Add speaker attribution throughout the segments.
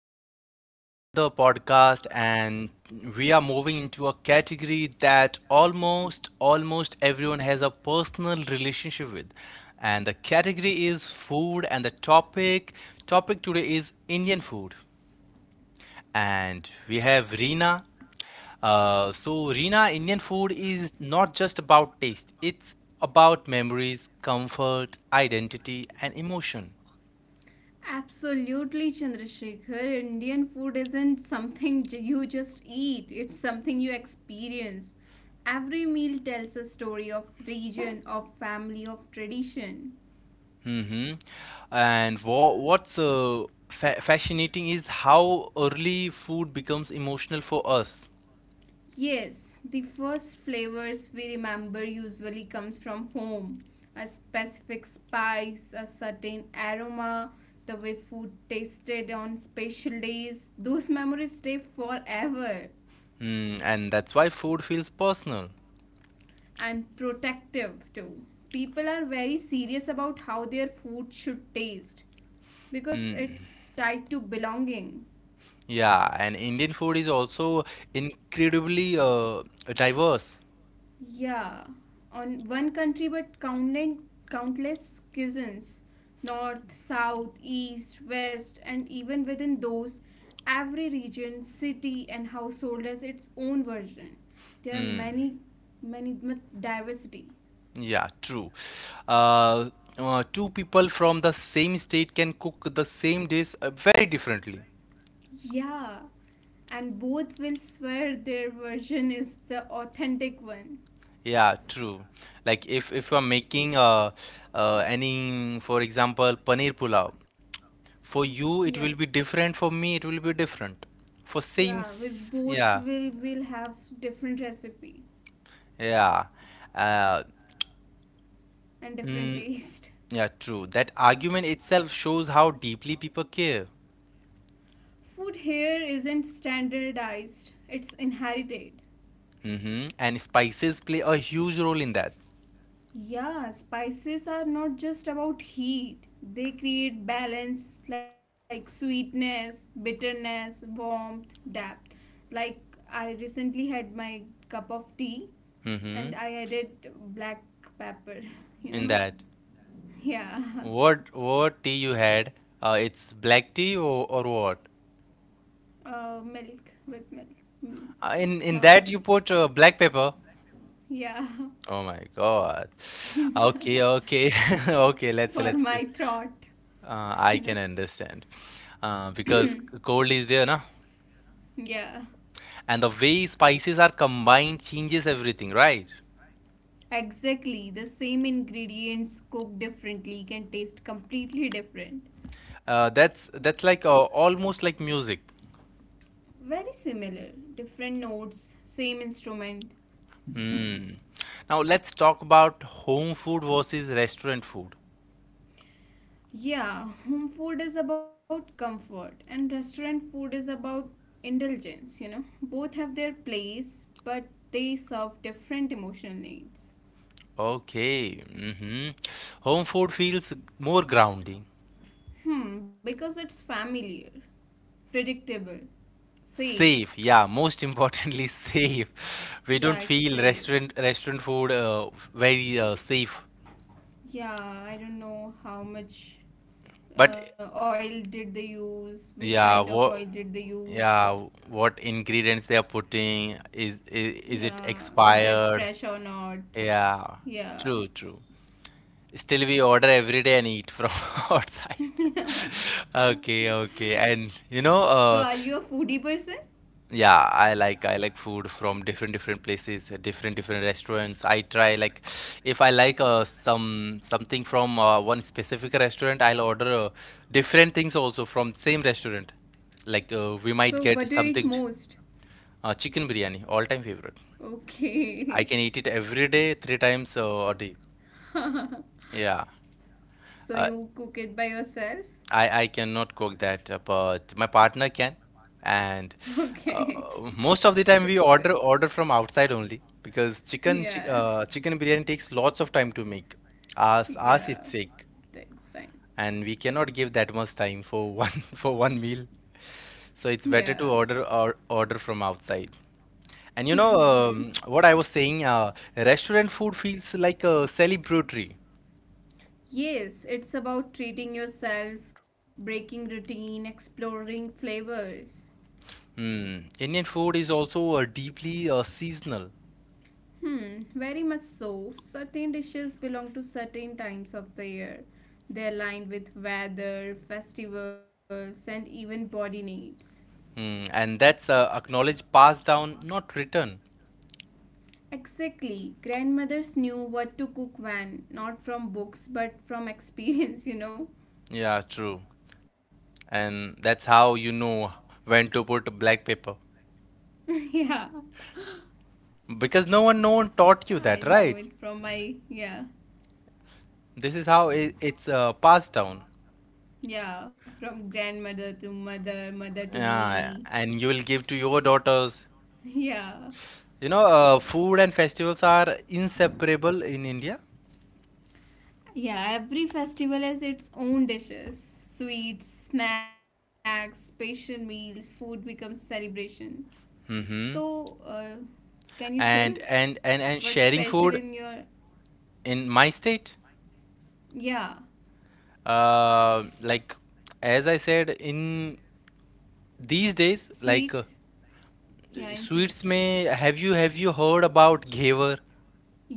Speaker 1: to our another podcast and we are moving into a category that almost everyone has a personal relationship with. And the category is food and the topic today is Indian food. And we have Reena. So, Reena, Indian food is not just about taste, it's about memories, comfort, identity, and emotion.
Speaker 2: Absolutely, Chandrasekhar. Indian food isn't something you just eat, it's something you experience. Every meal tells a story of region, of family, of tradition.
Speaker 1: And what's fa fascinating is how early food becomes emotional for us.
Speaker 2: Yes, the first flavors we remember usually comes from home. A specific spice, a certain aroma, the way food tasted on special days, those memories stay forever.
Speaker 1: Mm, and that's why food feels personal.
Speaker 2: And protective too. People are very serious about how their food should taste because it's tied to belonging.
Speaker 1: Yeah, and Indian food is also incredibly diverse.
Speaker 2: Yeah, on one country but countless cuisines north, south, east, west, and even within those, every region, city, and household has its own version. There are many, many diversity.
Speaker 1: Yeah, true. Uh, Two people from the same state can cook the same dish very differently.
Speaker 2: Yeah, and both will swear their version is the authentic one.
Speaker 1: Yeah, true. Like if you are making any, for example, paneer pulao. For you, it
Speaker 2: Yeah,
Speaker 1: will be different. For me, it will be different. For same,
Speaker 2: yeah, we both
Speaker 1: yeah,
Speaker 2: will have different recipe
Speaker 1: yeah, uh,
Speaker 2: and different
Speaker 1: mm,
Speaker 2: taste.
Speaker 1: yeah, true. That argument itself shows how deeply people care.
Speaker 2: Food here isn't standardized, it's inherited.
Speaker 1: Hmm. And spices play a huge role in that.
Speaker 2: Yeah, spices are not just about heat. They create balance like sweetness, bitterness, warmth, depth. Like I recently had my cup of tea and I
Speaker 1: Mm.
Speaker 2: added black pepper, you
Speaker 1: In
Speaker 2: know.
Speaker 1: that,
Speaker 2: Yeah,
Speaker 1: what tea you had? It's black tea or what?
Speaker 2: milk with milk, mm,
Speaker 1: In in
Speaker 2: not with
Speaker 1: that you put black pepper.
Speaker 2: yeah,
Speaker 1: Oh my God. Okay, okay, okay. Let's
Speaker 2: for
Speaker 1: let's go.
Speaker 2: my throat,
Speaker 1: I
Speaker 2: you
Speaker 1: can
Speaker 2: know.
Speaker 1: understand. Because cold is there, na?
Speaker 2: Yeah,
Speaker 1: And the way spices are combined changes everything, right?
Speaker 2: exactly. The same ingredients cooked differently can taste completely different.
Speaker 1: That's like almost like music.
Speaker 2: Very similar, different notes, same instrument.
Speaker 1: Now let's talk about home food versus restaurant food.
Speaker 2: Yeah, home food is about comfort and restaurant food is about indulgence. Both have their place, but they serve different emotional needs.
Speaker 1: Okay. Hmm. Home food feels more grounding.
Speaker 2: Hmm, because it's familiar, predictable, safe.
Speaker 1: Safe, yeah, most importantly safe. We
Speaker 2: Yeah,
Speaker 1: don't
Speaker 2: it's
Speaker 1: feel
Speaker 2: safe.
Speaker 1: restaurant food very safe.
Speaker 2: Yeah, I don't know how much
Speaker 1: But
Speaker 2: oil did they use, which kind of
Speaker 1: yeah,
Speaker 2: oil
Speaker 1: what
Speaker 2: did they used.
Speaker 1: yeah, what ingredients they are putting, is it
Speaker 2: Yeah, is that fresh
Speaker 1: expired?
Speaker 2: or not?
Speaker 1: Yeah,
Speaker 2: Yeah.
Speaker 1: true, true. Still we order every day and eat from outside. Okay, okay. And
Speaker 2: So, are you a foodie person?
Speaker 1: yeah, I like food from different places, different restaurants. I try like if I like something from one specific restaurant, I'll order different things also from same restaurant. Like
Speaker 2: So,
Speaker 1: we
Speaker 2: what do you
Speaker 1: might
Speaker 2: eat
Speaker 1: get something
Speaker 2: most?
Speaker 1: chicken biryani, all time favorite.
Speaker 2: Okay.
Speaker 1: I can eat it every day, three times a day. Yeah.
Speaker 2: So, you cook it by yourself?
Speaker 1: I cannot cook that, but my partner can. And
Speaker 2: Okay.
Speaker 1: uh, most of the
Speaker 2: That's
Speaker 1: time
Speaker 2: good.
Speaker 1: we order from outside only because chicken
Speaker 2: Yeah.
Speaker 1: chi- uh, chicken biryani takes lots of time to make. Ours
Speaker 2: Yeah.
Speaker 1: ours is sick,
Speaker 2: Takes time.
Speaker 1: and we cannot give that much time for one for one meal. So it's
Speaker 2: Yeah.
Speaker 1: better to order from outside.
Speaker 2: Hmm,
Speaker 1: And
Speaker 2: hmm, hmm.
Speaker 1: what I was saying, restaurant food feels like a celebratory.
Speaker 2: Yes, it's about treating yourself, breaking routine, exploring flavors.
Speaker 1: Hmm. Indian food is also deeply seasonal.
Speaker 2: Hmm, very much so. Certain dishes belong to certain times of the year. They align with weather, festivals, and even body needs.
Speaker 1: Mm, and that's acknowledged, passed down, not written.
Speaker 2: Exactly. Grandmothers knew what to cook when, not from books, but from experience, you know?
Speaker 1: Yeah, true. And that's how you know when to put black paper.
Speaker 2: Yeah.
Speaker 1: Because no one taught you that,
Speaker 2: I know
Speaker 1: right?
Speaker 2: it from my, yeah.
Speaker 1: This is how it's passed down.
Speaker 2: Yeah, from grandmother to mother, mother to
Speaker 1: Yeah,
Speaker 2: me.
Speaker 1: and you will give to your daughters.
Speaker 2: Yeah.
Speaker 1: You know, food and festivals are inseparable in India.
Speaker 2: Yeah, every festival has its own dishes, sweets, snacks, special meals, food becomes celebration. So,
Speaker 1: Mm-hmm.
Speaker 2: can you tell
Speaker 1: And and and
Speaker 2: what's
Speaker 1: and
Speaker 2: special
Speaker 1: sharing
Speaker 2: in
Speaker 1: food
Speaker 2: your
Speaker 1: in my state,
Speaker 2: yeah,
Speaker 1: like as I said, in these days,
Speaker 2: sweets?
Speaker 1: like,
Speaker 2: Yeah, in
Speaker 1: sweets
Speaker 2: sweets.
Speaker 1: में have you heard about ghevar?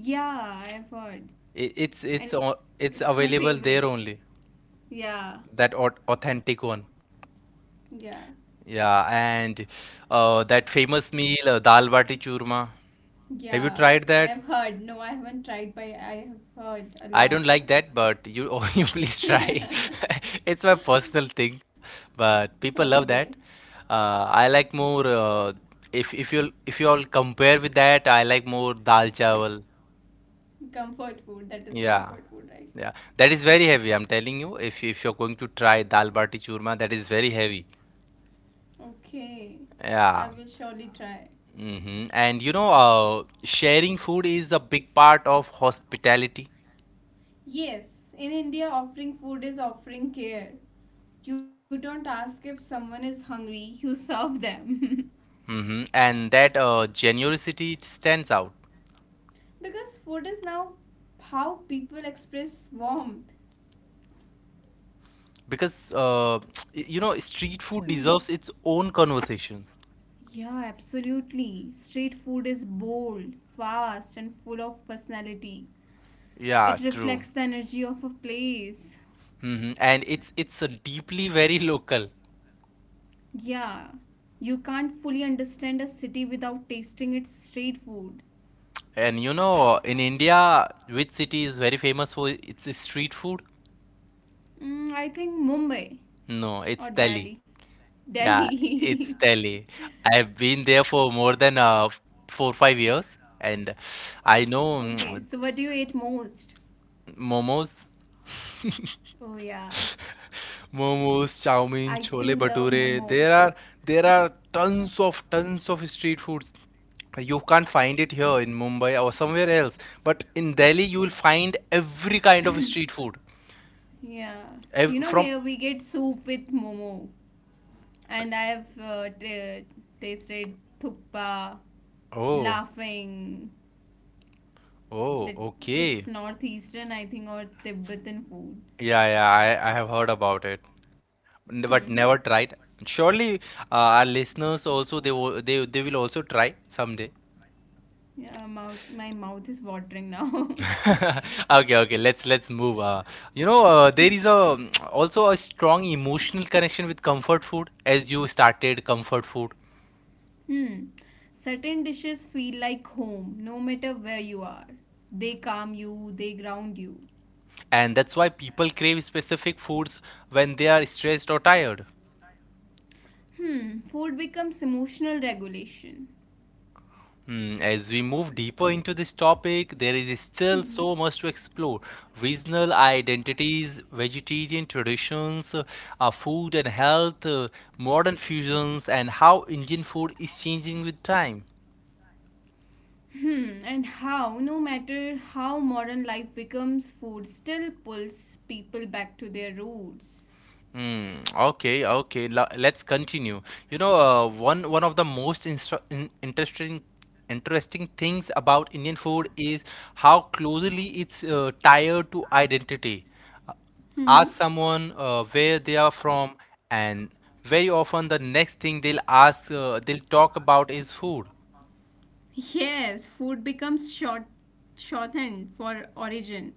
Speaker 2: Yeah, I have heard.
Speaker 1: I- It's it's
Speaker 2: And
Speaker 1: o- it's
Speaker 2: it's my
Speaker 1: available there
Speaker 2: favorite.
Speaker 1: only.
Speaker 2: Yeah.
Speaker 1: That authentic one.
Speaker 2: Yeah.
Speaker 1: Yeah, and that famous meal dal bati churma. Have you
Speaker 2: Yeah,
Speaker 1: tried
Speaker 2: I
Speaker 1: that?
Speaker 2: have heard. No, I haven't tried, but I have heard a
Speaker 1: I don't
Speaker 2: lot.
Speaker 1: like that, but you oh, you please try. It's my personal thing, but people
Speaker 2: Okay.
Speaker 1: love that. I like more, if you all compare with that, I like more dal chawal.
Speaker 2: Comfort food, that is
Speaker 1: Yeah.
Speaker 2: comfort food,
Speaker 1: Yeah.
Speaker 2: right?
Speaker 1: That is very heavy. I'm telling you, if you're going to try dal bati churma, that is very heavy.
Speaker 2: Okay, I will
Speaker 1: Yeah.
Speaker 2: surely try.
Speaker 1: Hmm. And you know, sharing food is a big part of hospitality.
Speaker 2: Yes, in India, offering food is offering care. You don't ask if someone is hungry, you serve them.
Speaker 1: Hmm. And that generosity stands out
Speaker 2: Because food is now how people express warmth.
Speaker 1: because street
Speaker 2: Hmm.
Speaker 1: food deserves its own conversations.
Speaker 2: Yeah, absolutely. Street food is bold, fast, and full of personality.
Speaker 1: Yeah,
Speaker 2: It
Speaker 1: true.
Speaker 2: reflects the energy of a place.
Speaker 1: Hmm. And it's a deeply very local.
Speaker 2: Yeah, you can't fully understand a city without tasting its street food.
Speaker 1: And you know, in India, which city is very famous for its street food?
Speaker 2: Mm, I think Mumbai or
Speaker 1: No, it's
Speaker 2: Delhi.
Speaker 1: Delhi. Yeah,
Speaker 2: Delhi.
Speaker 1: it's Delhi. I've been there for more than 4-5 years, and I know
Speaker 2: Okay, so what do you eat most?
Speaker 1: momos,
Speaker 2: Oh, yeah.
Speaker 1: momos, chow mein,
Speaker 2: I
Speaker 1: chole
Speaker 2: do love
Speaker 1: bhature.
Speaker 2: momo.
Speaker 1: There are tons of street foods. You can't find it here in Mumbai or somewhere else, but in Delhi you will find every kind of street food.
Speaker 2: Yeah.
Speaker 1: Ev
Speaker 2: You know,
Speaker 1: from
Speaker 2: here we get soup with momo. And I have t tasted thukpa,
Speaker 1: oh
Speaker 2: laughing.
Speaker 1: oh,
Speaker 2: That
Speaker 1: okay.
Speaker 2: it's northeastern, I think, or Tibetan food.
Speaker 1: Yeah, yeah. I have heard about it, but never tried. Surely, our listeners also, they will also try someday.
Speaker 2: Yeah, my mouth is watering now.
Speaker 1: Okay, okay. Let's move. There is a also a strong emotional connection with comfort food, as you started, comfort food,
Speaker 2: Hmm. Certain dishes feel like home, no matter where you are. They calm you, they ground you.
Speaker 1: and that's why people crave specific foods when they are stressed or tired.
Speaker 2: Hmm. Food becomes emotional regulation.
Speaker 1: Hmm. As we move deeper into this topic, there is still so
Speaker 2: Mhm.
Speaker 1: much to explore. Regional identities, vegetarian traditions, food and health, modern fusions, and how Indian food is changing with time.
Speaker 2: Hmm. And how, no matter how modern life becomes, food still pulls people back to their roots.
Speaker 1: Hmm. Okay. Okay. Let's continue. You know, one of the most interesting things about Indian food is how closely it's tied to identity. Uh, Ask
Speaker 2: Mm-hmm.
Speaker 1: someone where they are from, and very often the next thing they'll talk about is food.
Speaker 2: Yes, food becomes shorthand for origin.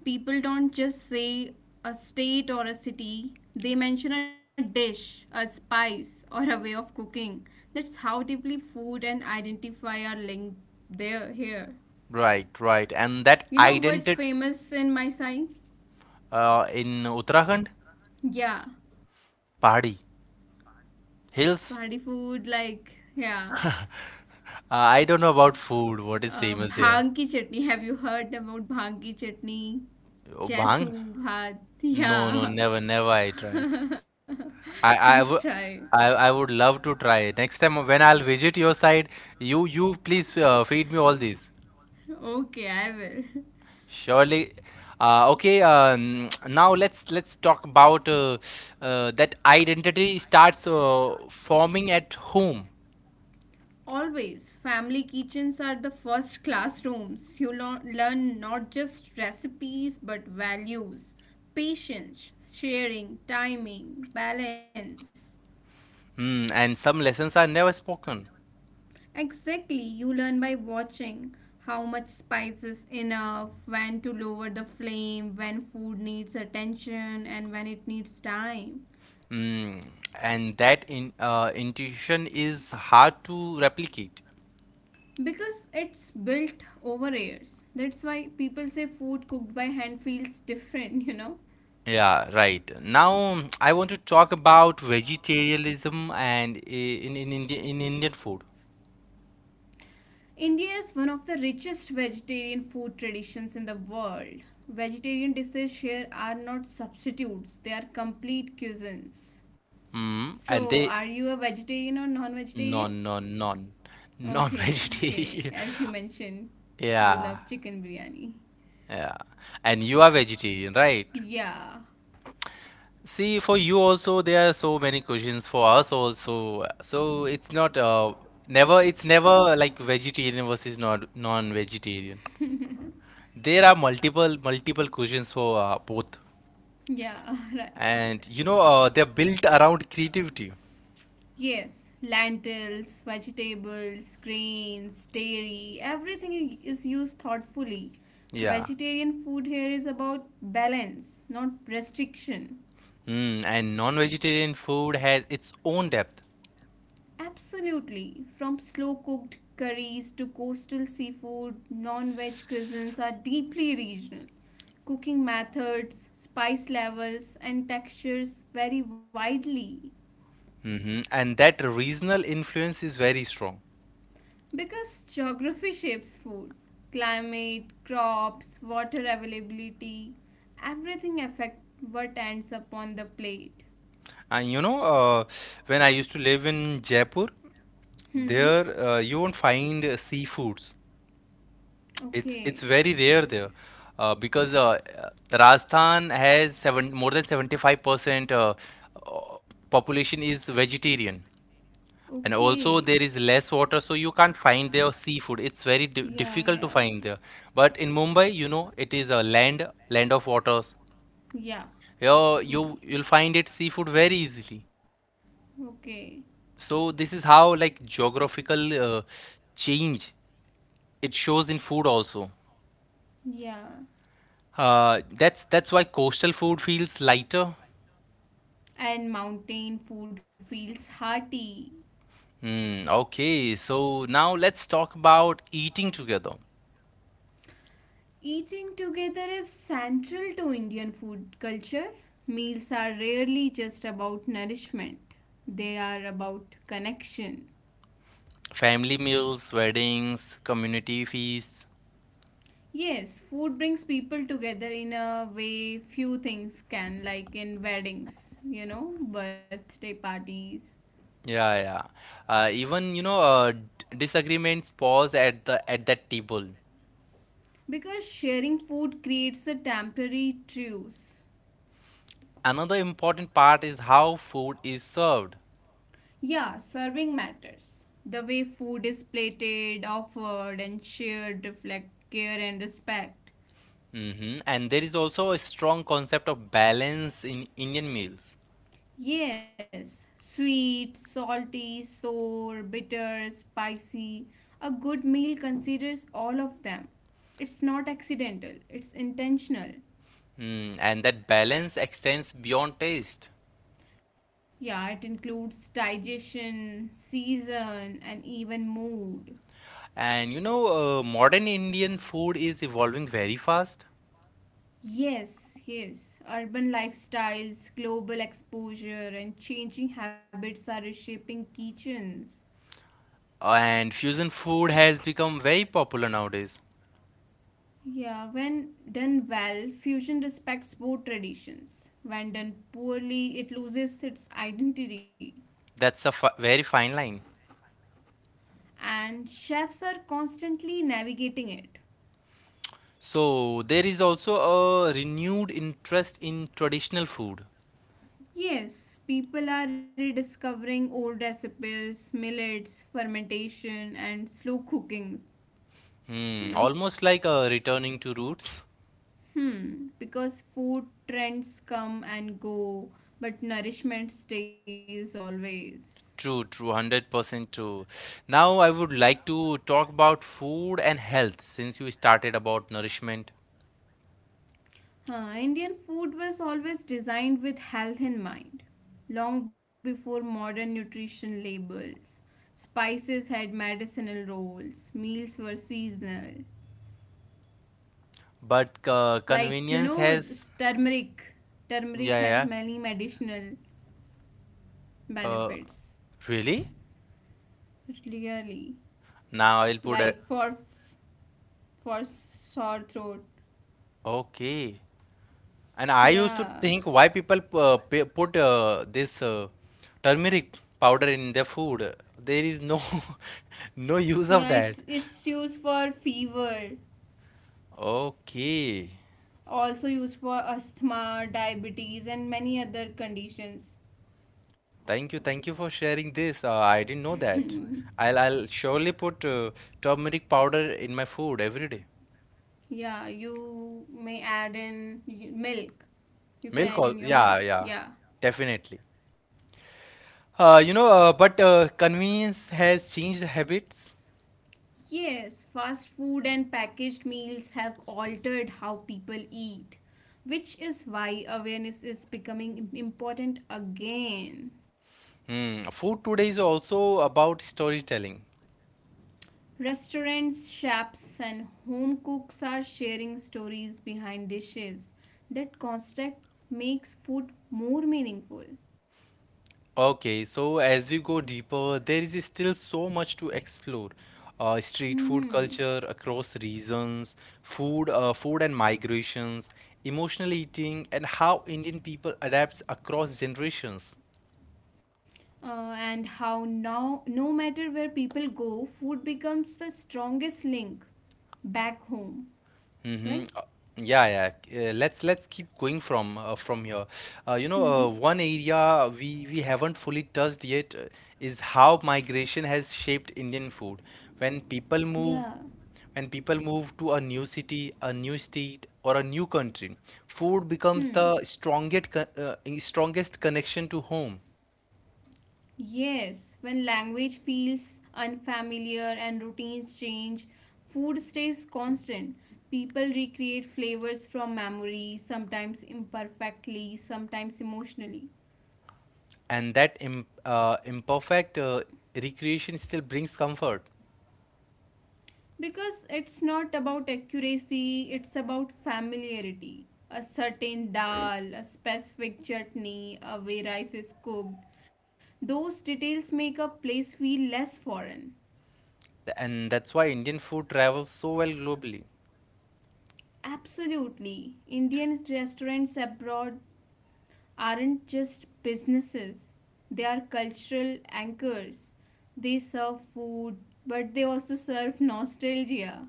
Speaker 2: People don't just say a state or a city. They mention a dish, a spice, or a way of cooking. That's how deeply food and identify are linked there here.
Speaker 1: Right. Right. And that
Speaker 2: You know what's
Speaker 1: identity,
Speaker 2: famous in my side?
Speaker 1: in Uttarakhand,
Speaker 2: Yeah,
Speaker 1: pahadi
Speaker 2: party
Speaker 1: hills.
Speaker 2: food like yeah.
Speaker 1: I don't know about food. What is famous there?
Speaker 2: Bhang ki chutney. Have you heard about bhang ki chutney?
Speaker 1: Oh, bang?
Speaker 2: Chesu bhat.
Speaker 1: No, no,
Speaker 2: Yeah.
Speaker 1: never, never I tried. I,
Speaker 2: Please
Speaker 1: I would,
Speaker 2: try.
Speaker 1: I would love to try. Next time when I'll visit your side, you please feed me all these.
Speaker 2: Okay, I will.
Speaker 1: Surely. Okay. Now let's talk about, that identity starts forming at home.
Speaker 2: Always, family kitchens are the first classrooms. You learn not just recipes but values, patience, sharing, timing, balance.
Speaker 1: Hmm. And some lessons are never spoken.
Speaker 2: Exactly, you learn by watching how much spice is enough, when to lower the flame, when food needs attention, and when it needs time.
Speaker 1: Hmm. And that in intuition is hard to replicate.
Speaker 2: Because it's built over years. That's why people say food cooked by hand feels different, .
Speaker 1: Yeah, right. Now I want to talk about vegetarianism and in Indian food.
Speaker 2: India is one of the richest vegetarian food traditions in the world. Vegetarian dishes here are not substitutes, they are complete cuisines.
Speaker 1: Mm,
Speaker 2: So,
Speaker 1: and
Speaker 2: are
Speaker 1: they,
Speaker 2: you a vegetarian or non vegetarian?
Speaker 1: non non non
Speaker 2: Okay, okay.
Speaker 1: non-vegetarian.
Speaker 2: As you mentioned, you
Speaker 1: Yeah,
Speaker 2: love chicken biryani.
Speaker 1: yeah. And you are vegetarian, right?
Speaker 2: Yeah,
Speaker 1: See, for you also there are so many questions, for us also. So it's not, never like vegetarian versus non-vegetarian. There are multiple questions for both.
Speaker 2: yeah, right.
Speaker 1: And you know, they're built around creativity.
Speaker 2: Yes, lentils, vegetables, grains, dairy, everything is used thoughtfully.
Speaker 1: Yeah.
Speaker 2: Vegetarian food here is about balance, not restriction.
Speaker 1: Mm, and non-vegetarian food has its own depth.
Speaker 2: Absolutely. From slow cooked curries to coastal seafood, non veg cuisines are deeply regional. Cooking methods, spice levels, and textures vary widely
Speaker 1: Hmm. And that regional influence is very strong.
Speaker 2: because geography shapes food. Climate, crops, water availability, everything affect what ends up on the plate.
Speaker 1: And you know, when I used to live in Jaipur,
Speaker 2: Mm-hmm.
Speaker 1: there you won't find seafoods. It's
Speaker 2: Okay.
Speaker 1: it's very rare there, because Rajasthan has seven more than 75% uh, population is vegetarian. And
Speaker 2: Okay.
Speaker 1: also there is less water, so you can't find there seafood. It's very di
Speaker 2: Yeah,
Speaker 1: difficult to
Speaker 2: yeah,
Speaker 1: find there. But in Mumbai, you know, it is a land of waters.
Speaker 2: yeah. Yeah.
Speaker 1: Here you
Speaker 2: See.
Speaker 1: you'll find it seafood very easily.
Speaker 2: Okay.
Speaker 1: So this is how like geographical change, it shows in food also.
Speaker 2: Yeah,
Speaker 1: That's why coastal food feels lighter.
Speaker 2: and mountain food feels hearty.
Speaker 1: Hmm, okay, so now let's talk about eating together.
Speaker 2: Eating together is central to Indian food culture. Meals are rarely just about nourishment, they are about connection.
Speaker 1: Family meals, weddings, community feasts.
Speaker 2: Yes, food brings people together in a way few things can, like in weddings, birthday parties.
Speaker 1: Yeah, yeah. Even, you know, disagreements pause at the at that table.
Speaker 2: Because sharing food creates a temporary truce.
Speaker 1: Another important part is how food is served.
Speaker 2: Yeah, serving matters. The way food is plated, offered, and shared reflect care and respect.
Speaker 1: Hmm. And there is also a strong concept of balance in Indian meals.
Speaker 2: Yes, sweet, salty, sour, bitter, spicy. A good meal considers all of them. It's not accidental, it's intentional.
Speaker 1: Mm, and that balance extends beyond taste.
Speaker 2: Yeah, it includes digestion, season, and even mood.
Speaker 1: And you know, modern Indian food is evolving very fast,
Speaker 2: Yes, yes. Urban lifestyles, global exposure, and changing habits are reshaping kitchens.
Speaker 1: and fusion food has become very popular nowadays.
Speaker 2: Yeah, when done well, fusion respects both traditions. When done poorly, it loses its identity.
Speaker 1: That's a fi very fine line.
Speaker 2: And chefs are constantly navigating it.
Speaker 1: So there is also a renewed interest in traditional food.
Speaker 2: Yes, people are rediscovering old recipes, millets, fermentation, and slow cookings, you
Speaker 1: Mm,
Speaker 2: know.
Speaker 1: almost like a returning to roots.
Speaker 2: Hmm, because food trends come and go, but nourishment stays always.
Speaker 1: True, true, 100% true. Now I would like to talk about food and health, since you started about nourishment.
Speaker 2: Huh, Indian food was always designed with health in mind, long before modern nutrition labels. Spices had medicinal roles, meals were seasonal.
Speaker 1: But
Speaker 2: Like, you
Speaker 1: convenience
Speaker 2: know,
Speaker 1: has,
Speaker 2: turmeric. Turmeric
Speaker 1: yeah,
Speaker 2: has
Speaker 1: yeah.
Speaker 2: many medicinal
Speaker 1: Uh,
Speaker 2: benefits,
Speaker 1: Really?
Speaker 2: really.
Speaker 1: Now I'll put a,
Speaker 2: Like for sore throat.
Speaker 1: okay. And I used to
Speaker 2: Yeah.
Speaker 1: think why people put this turmeric powder in their food. There is no no use of
Speaker 2: Yeah,
Speaker 1: that.
Speaker 2: it's used for fever,
Speaker 1: Okay.
Speaker 2: also used for asthma, diabetes, and many other conditions.
Speaker 1: Thank you. Thank you for sharing this. I didn't know that. I'll surely put turmeric powder in my food every day.
Speaker 2: Yeah, you may add in milk. You can
Speaker 1: Milk
Speaker 2: add in your
Speaker 1: yeah,
Speaker 2: milk.
Speaker 1: yeah.
Speaker 2: Yeah.
Speaker 1: Definitely. But convenience has changed habits.
Speaker 2: Yes, fast food and packaged meals have altered how people eat, which is why awareness is becoming important again.
Speaker 1: Hmm. Food today is also about storytelling.
Speaker 2: Restaurants, chefs, and home cooks are sharing stories behind dishes. That construct makes food more meaningful.
Speaker 1: Okay, so as we go deeper, there is still so much to explore. Street
Speaker 2: Hmm.
Speaker 1: food culture across regions, food and migrations, emotional eating, and how Indian people adapts across generations.
Speaker 2: And how now, no matter where people go, food becomes the strongest link back home,
Speaker 1: Uh,
Speaker 2: right?
Speaker 1: Yeah, yeah. Let's keep going from, from here. One
Speaker 2: Mm-hmm.
Speaker 1: area we haven't fully touched yet is how migration has shaped Indian food. When people move,
Speaker 2: Yeah.
Speaker 1: when people move to a new city, a new state, or a new country, food becomes the
Speaker 2: Hmm.
Speaker 1: strongest connection to home,
Speaker 2: Yes, when language feels unfamiliar and routines change, food stays constant. People recreate flavors from memory, sometimes imperfectly, sometimes emotionally.
Speaker 1: and that im imperfect recreation still brings comfort.
Speaker 2: Because it's not about accuracy, it's about familiarity. A certain dal, a specific chutney, a way rice is cooked, those details make a place feel less foreign.
Speaker 1: And that's why Indian food travels so well globally.
Speaker 2: Absolutely. Indian restaurants abroad aren't just businesses, they are cultural anchors. They serve food, but they also serve nostalgia.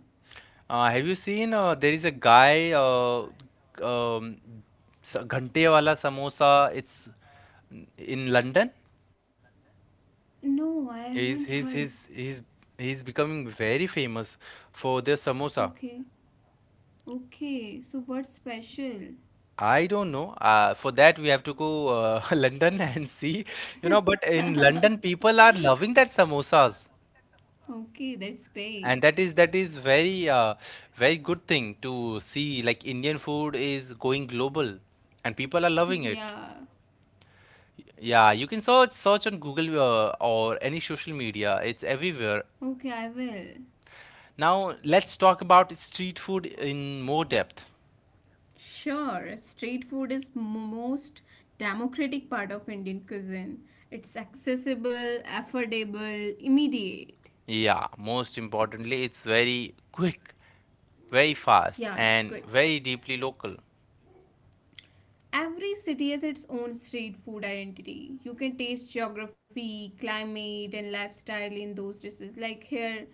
Speaker 1: Have you seen there is a guy um, Ghante Wala Samosa, it's in London.
Speaker 2: No, I haven't
Speaker 1: he's he's
Speaker 2: heard.
Speaker 1: he's he's he's becoming very famous for their samosa.
Speaker 2: Okay. Okay, so what's special?
Speaker 1: I don't know, for that we have to go London and see, but in London people are loving that samosas.
Speaker 2: Okay, that's great.
Speaker 1: And that is very very good thing to see, like Indian food is going global and people are loving it.
Speaker 2: Yeah.
Speaker 1: Yeah, you can search on Google, or any social media. It's everywhere.
Speaker 2: Okay, I will.
Speaker 1: Now let's talk about street food in more depth.
Speaker 2: Sure, street food is most democratic part of Indian cuisine. It's accessible, affordable, immediate.
Speaker 1: Yeah, most importantly, it's very quick, very fast,
Speaker 2: Yeah, it's
Speaker 1: and
Speaker 2: good.
Speaker 1: very deeply local.
Speaker 2: Every city has its own street food identity. You can taste geography, climate, and lifestyle in those dishes. Like here,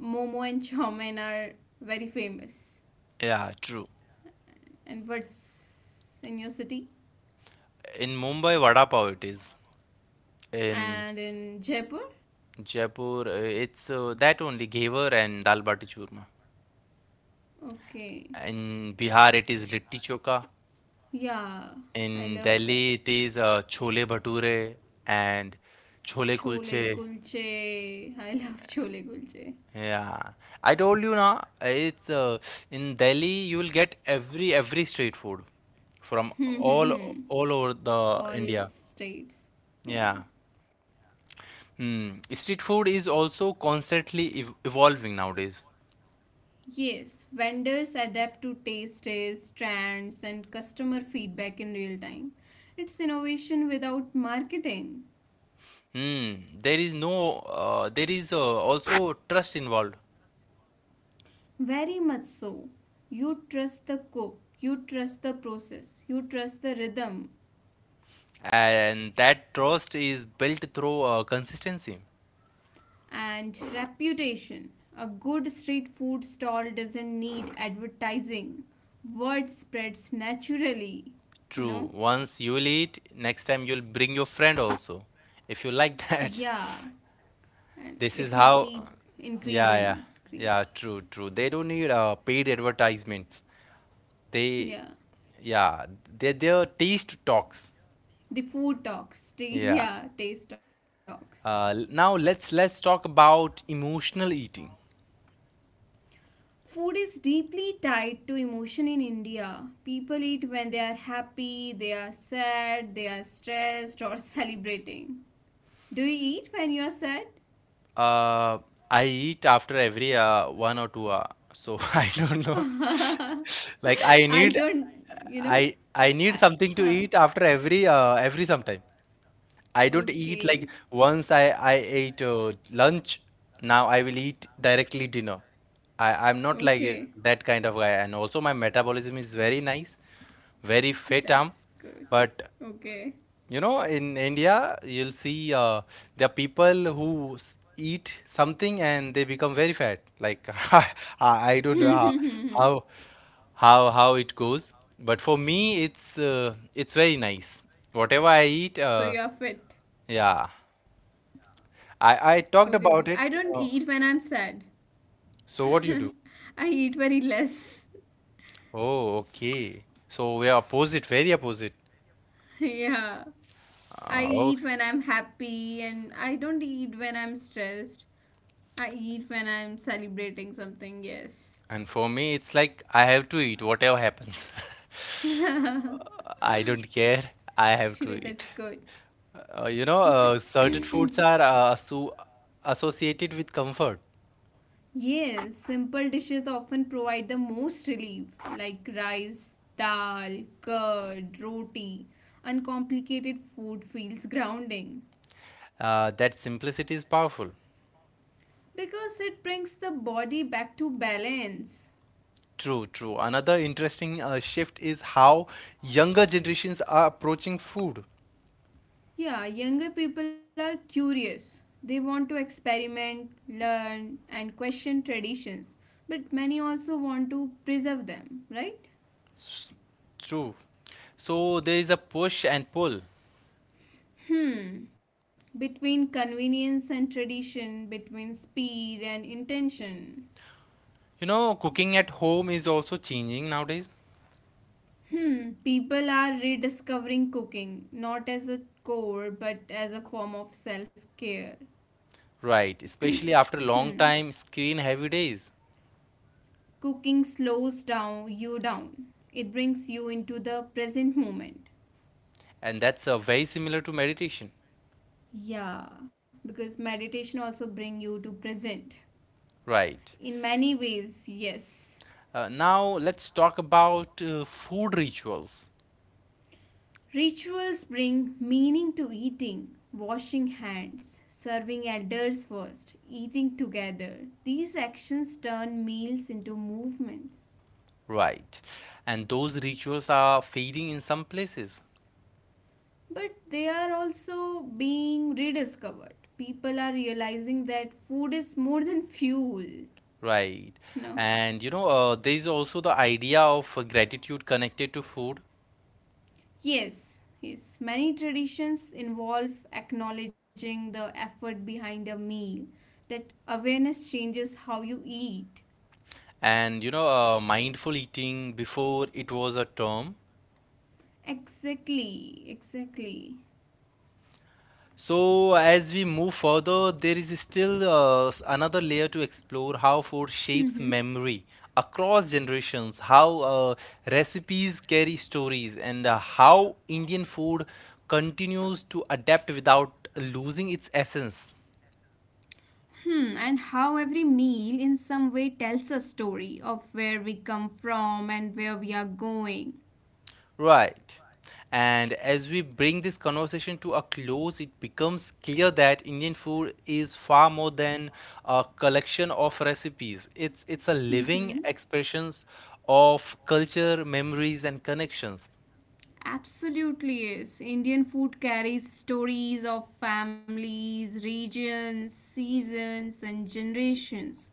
Speaker 2: momo and chow mein are very famous.
Speaker 1: Yeah, true.
Speaker 2: And what's in your city?
Speaker 1: In Mumbai, vada pav it is. In
Speaker 2: And in Jaipur?
Speaker 1: Jaipur, it's that only, ghevar and dal bati churma.
Speaker 2: Okay.
Speaker 1: In Bihar, it is litti choka.
Speaker 2: Yeah, I
Speaker 1: In
Speaker 2: love that.
Speaker 1: Delhi, it is chole bhature and chole
Speaker 2: Chole
Speaker 1: kulche.
Speaker 2: kulche. I love chole kulche.
Speaker 1: Yeah, I told you na. It's in Delhi you will get every street food from
Speaker 2: Hmm,
Speaker 1: all
Speaker 2: hmm, hmm.
Speaker 1: all over the
Speaker 2: All
Speaker 1: India.
Speaker 2: steaks. Yeah.
Speaker 1: Yeah. Hmm. Street food is also constantly ev evolving nowadays.
Speaker 2: Yes, vendors adapt to tastes, trends, and customer feedback in real time. It's innovation without marketing.
Speaker 1: Hmm. There is no There is also trust involved,
Speaker 2: Very much so. You trust the cook, you trust the process, you trust the rhythm
Speaker 1: and that trust is built through consistency.
Speaker 2: and reputation. A good street food stall doesn't need advertising. Word spreads naturally, you know?
Speaker 1: True. Once you'll eat, next time you'll bring your friend also. If you like that.
Speaker 2: Yeah, and it
Speaker 1: This
Speaker 2: will
Speaker 1: is how.
Speaker 2: keep
Speaker 1: Yeah, yeah.
Speaker 2: increasing. Increase.
Speaker 1: Yeah, true, true. They don't need paid advertisements. They,
Speaker 2: Yeah.
Speaker 1: yeah, they're taste talks.
Speaker 2: The food talks.
Speaker 1: Yeah.
Speaker 2: Yeah, taste talks.
Speaker 1: Now let's talk about emotional eating.
Speaker 2: Food is deeply tied to emotion in India. People eat when they are happy, they are sad, they are stressed, or celebrating. Do you eat when you are sad?
Speaker 1: Uh, I eat after every 1 or 2 hour, so I don't know. Like I need,
Speaker 2: I don't, you know.
Speaker 1: I I need
Speaker 2: I-
Speaker 1: something to
Speaker 2: uh,
Speaker 1: eat after every sometime. I don't eat. Like
Speaker 2: Okay,
Speaker 1: once I ate lunch, now I will eat directly dinner. I'm not like
Speaker 2: okay,
Speaker 1: that kind of guy, and also my metabolism is very nice, very fit.
Speaker 2: that's good.
Speaker 1: But
Speaker 2: Okay.
Speaker 1: you know, in India, you'll see there are people who eat something and they become very fat. Like I I
Speaker 2: So
Speaker 1: don't know
Speaker 2: you
Speaker 1: how how how it goes, but for me, it's very nice. Whatever I eat,
Speaker 2: are fit.
Speaker 1: yeah.
Speaker 2: Okay,
Speaker 1: I talked
Speaker 2: I don't
Speaker 1: about it.
Speaker 2: eat when I'm sad.
Speaker 1: So what do you do?
Speaker 2: I eat very less.
Speaker 1: Oh, okay. So we are opposite, very opposite.
Speaker 2: Yeah. I eat
Speaker 1: Okay.
Speaker 2: when I'm happy and I don't eat when I'm stressed. I eat when I'm celebrating something, yes.
Speaker 1: And for me, it's like I have to eat whatever happens. I don't care. I have to
Speaker 2: Actually,
Speaker 1: eat.
Speaker 2: that's good.
Speaker 1: You know, certain foods are so associated with comfort.
Speaker 2: Yes, simple dishes often provide the most relief, like rice, dal, curd, roti. Uncomplicated food feels grounding
Speaker 1: That simplicity is powerful.
Speaker 2: because it brings the body back to balance.
Speaker 1: True, true. Another interesting shift is how younger generations are approaching food.
Speaker 2: Yeah, younger people are curious. They want to experiment, learn, and question traditions, but many also want to preserve them, right?
Speaker 1: True. So there is a push and pull.
Speaker 2: Hmm, between convenience and tradition, between speed and intention.
Speaker 1: You know, cooking at home is also changing nowadays.
Speaker 2: Hmm, people are rediscovering cooking, not as a chore, but as a form of self care.
Speaker 1: Right, especially after long
Speaker 2: Hmm.
Speaker 1: time screen heavy days.
Speaker 2: Cooking slows down you down. It brings you into the present moment.
Speaker 1: And that's very similar to meditation.
Speaker 2: Yeah, because meditation also bring you to present.
Speaker 1: Right.
Speaker 2: In many ways, yes.
Speaker 1: Now let's talk about food rituals,
Speaker 2: Rituals bring meaning to eating, washing hands, serving elders first, eating together. These actions turn meals into movements.
Speaker 1: right? And those rituals are fading in some places,
Speaker 2: But they are also being rediscovered. People are realizing that food is more than fuel, you
Speaker 1: right?
Speaker 2: know.
Speaker 1: And you know, there is also the idea of gratitude connected to food,
Speaker 2: Yes, yes. Many traditions involve acknowledging the effort behind a meal. That awareness changes how you eat.
Speaker 1: and you know, mindful eating before it was a term.
Speaker 2: Exactly, exactly.
Speaker 1: So, as we move further, there is still another layer to explore: how food shapes
Speaker 2: Mhm.
Speaker 1: memory across generations, how recipes carry stories, and how Indian food continues to adapt without losing its essence.
Speaker 2: Hmm, and how every meal in some way tells a story of where we come from and where we are going.
Speaker 1: Right. And as we bring this conversation to a close, it becomes clear that Indian food is far more than a collection of recipes. It's a living
Speaker 2: Mm-hmm.
Speaker 1: expressions of culture, memories, and connections.
Speaker 2: Absolutely is. Indian food carries stories of families, regions, seasons, and generations.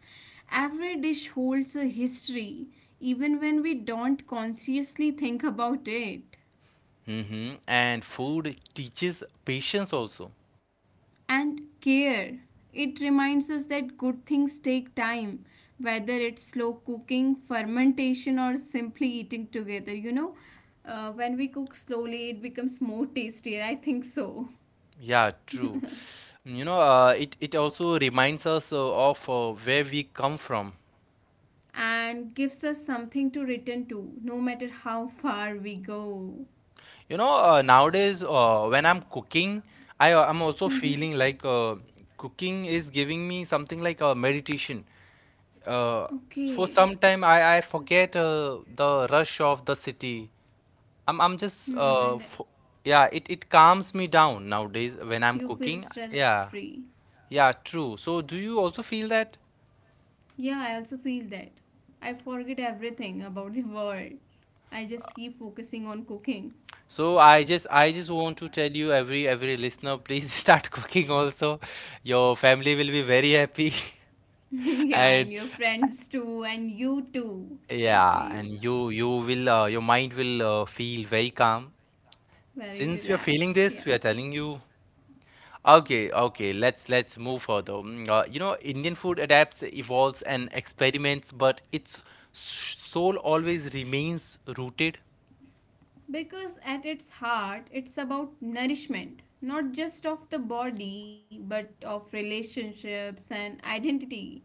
Speaker 2: Every dish holds a history, even when we don't consciously think about it.
Speaker 1: Hmm. And food teaches patience also.
Speaker 2: And care. It reminds us that good things take time, whether it's slow cooking, fermentation, or simply eating together. You know, when we cook slowly, it becomes more tastier. I think so.
Speaker 1: Yeah, true. You know, it it also reminds us of where we come from.
Speaker 2: And gives us something to return to, no matter how far we go.
Speaker 1: You know, nowadays when I'm cooking, I I'm also
Speaker 2: Hmm.
Speaker 1: feeling like cooking is giving me something like a meditation. Uh, for
Speaker 2: Okay.
Speaker 1: some time, I forget the rush of the city. I'm just
Speaker 2: Hmm, and
Speaker 1: fo yeah, it calms me down nowadays when I'm
Speaker 2: you feel
Speaker 1: cooking.
Speaker 2: stress
Speaker 1: Yeah.
Speaker 2: free.
Speaker 1: Yeah, true. So do you also feel that?
Speaker 2: Yeah, I also feel that. I forget everything about the world. I just keep focusing on cooking.
Speaker 1: So I just want to tell you every listener, please start cooking also. Your family will be very happy.
Speaker 2: Yeah,
Speaker 1: And
Speaker 2: and your friends too, and you too,
Speaker 1: yeah,
Speaker 2: especially
Speaker 1: and
Speaker 2: you.
Speaker 1: you will your mind will feel very calm.
Speaker 2: Very
Speaker 1: Since we are feeling
Speaker 2: relaxed.
Speaker 1: this,
Speaker 2: Yeah.
Speaker 1: we are telling you. Okay, okay, let's move further. Mm. You know, Indian food adapts, evolves, and experiments, but its soul always remains rooted.
Speaker 2: Because at its heart, it's about nourishment, not just of the body, but of relationships and identity.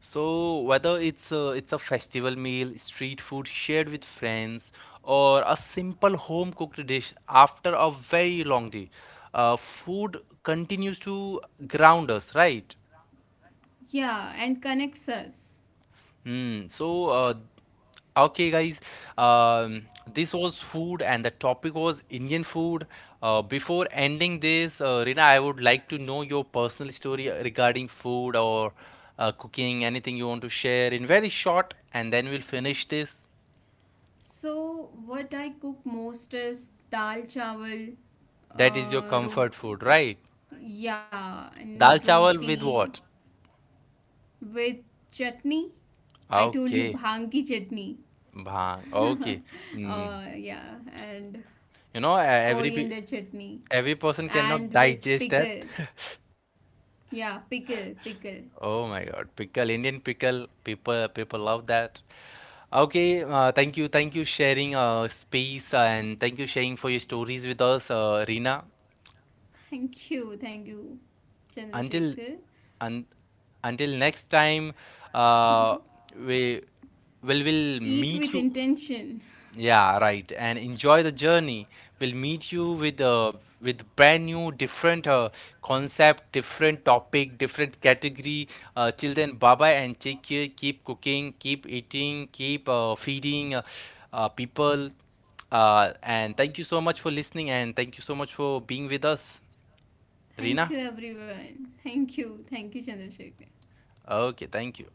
Speaker 1: So whether it's a festival meal, street food shared with friends, or a simple home cooked dish after a very long day, food continues to ground us, right?
Speaker 2: Yeah, and connects us.
Speaker 1: So, okay, guys, this was food, and the topic was Indian food. Before ending this, Rina, I would like to know your personal story regarding food or cooking, anything you want to share in very short, and then we'll finish this.
Speaker 2: So, what I cook most is dal chawal,
Speaker 1: That is your
Speaker 2: uh,
Speaker 1: comfort
Speaker 2: ro-
Speaker 1: food, right?
Speaker 2: yeah, and
Speaker 1: Dal chawal with
Speaker 2: roti
Speaker 1: what?
Speaker 2: with chutney. I told you
Speaker 1: Okay,
Speaker 2: bhang ki chutney.
Speaker 1: bhang. Okay. Mm.
Speaker 2: Yeah, and
Speaker 1: You know,
Speaker 2: coriander chutney
Speaker 1: every person cannot
Speaker 2: and with
Speaker 1: digest that.
Speaker 2: pickle. Yeah, pickle, pickle.
Speaker 1: Oh my God, pickle, Indian pickle, people love that. Okay, thank you sharing space, and thank you sharing for your stories with us, Reena.
Speaker 2: Thank you,
Speaker 1: Until
Speaker 2: Chandrasekhar.
Speaker 1: un until next time,
Speaker 2: Mhm.
Speaker 1: uh, we will
Speaker 2: Eat
Speaker 1: meet
Speaker 2: with
Speaker 1: you.
Speaker 2: intention.
Speaker 1: Yeah, right. And enjoy the journey. We'll meet you with brand new, different concept, different topic, different category. Till then, bye bye and take care. Keep cooking, keep eating, keep feeding people. And thank you so much for listening, and thank you so much for being with us, Rina.
Speaker 2: Thank you, everyone. Thank you, Chandrasekhar.
Speaker 1: Okay, thank you.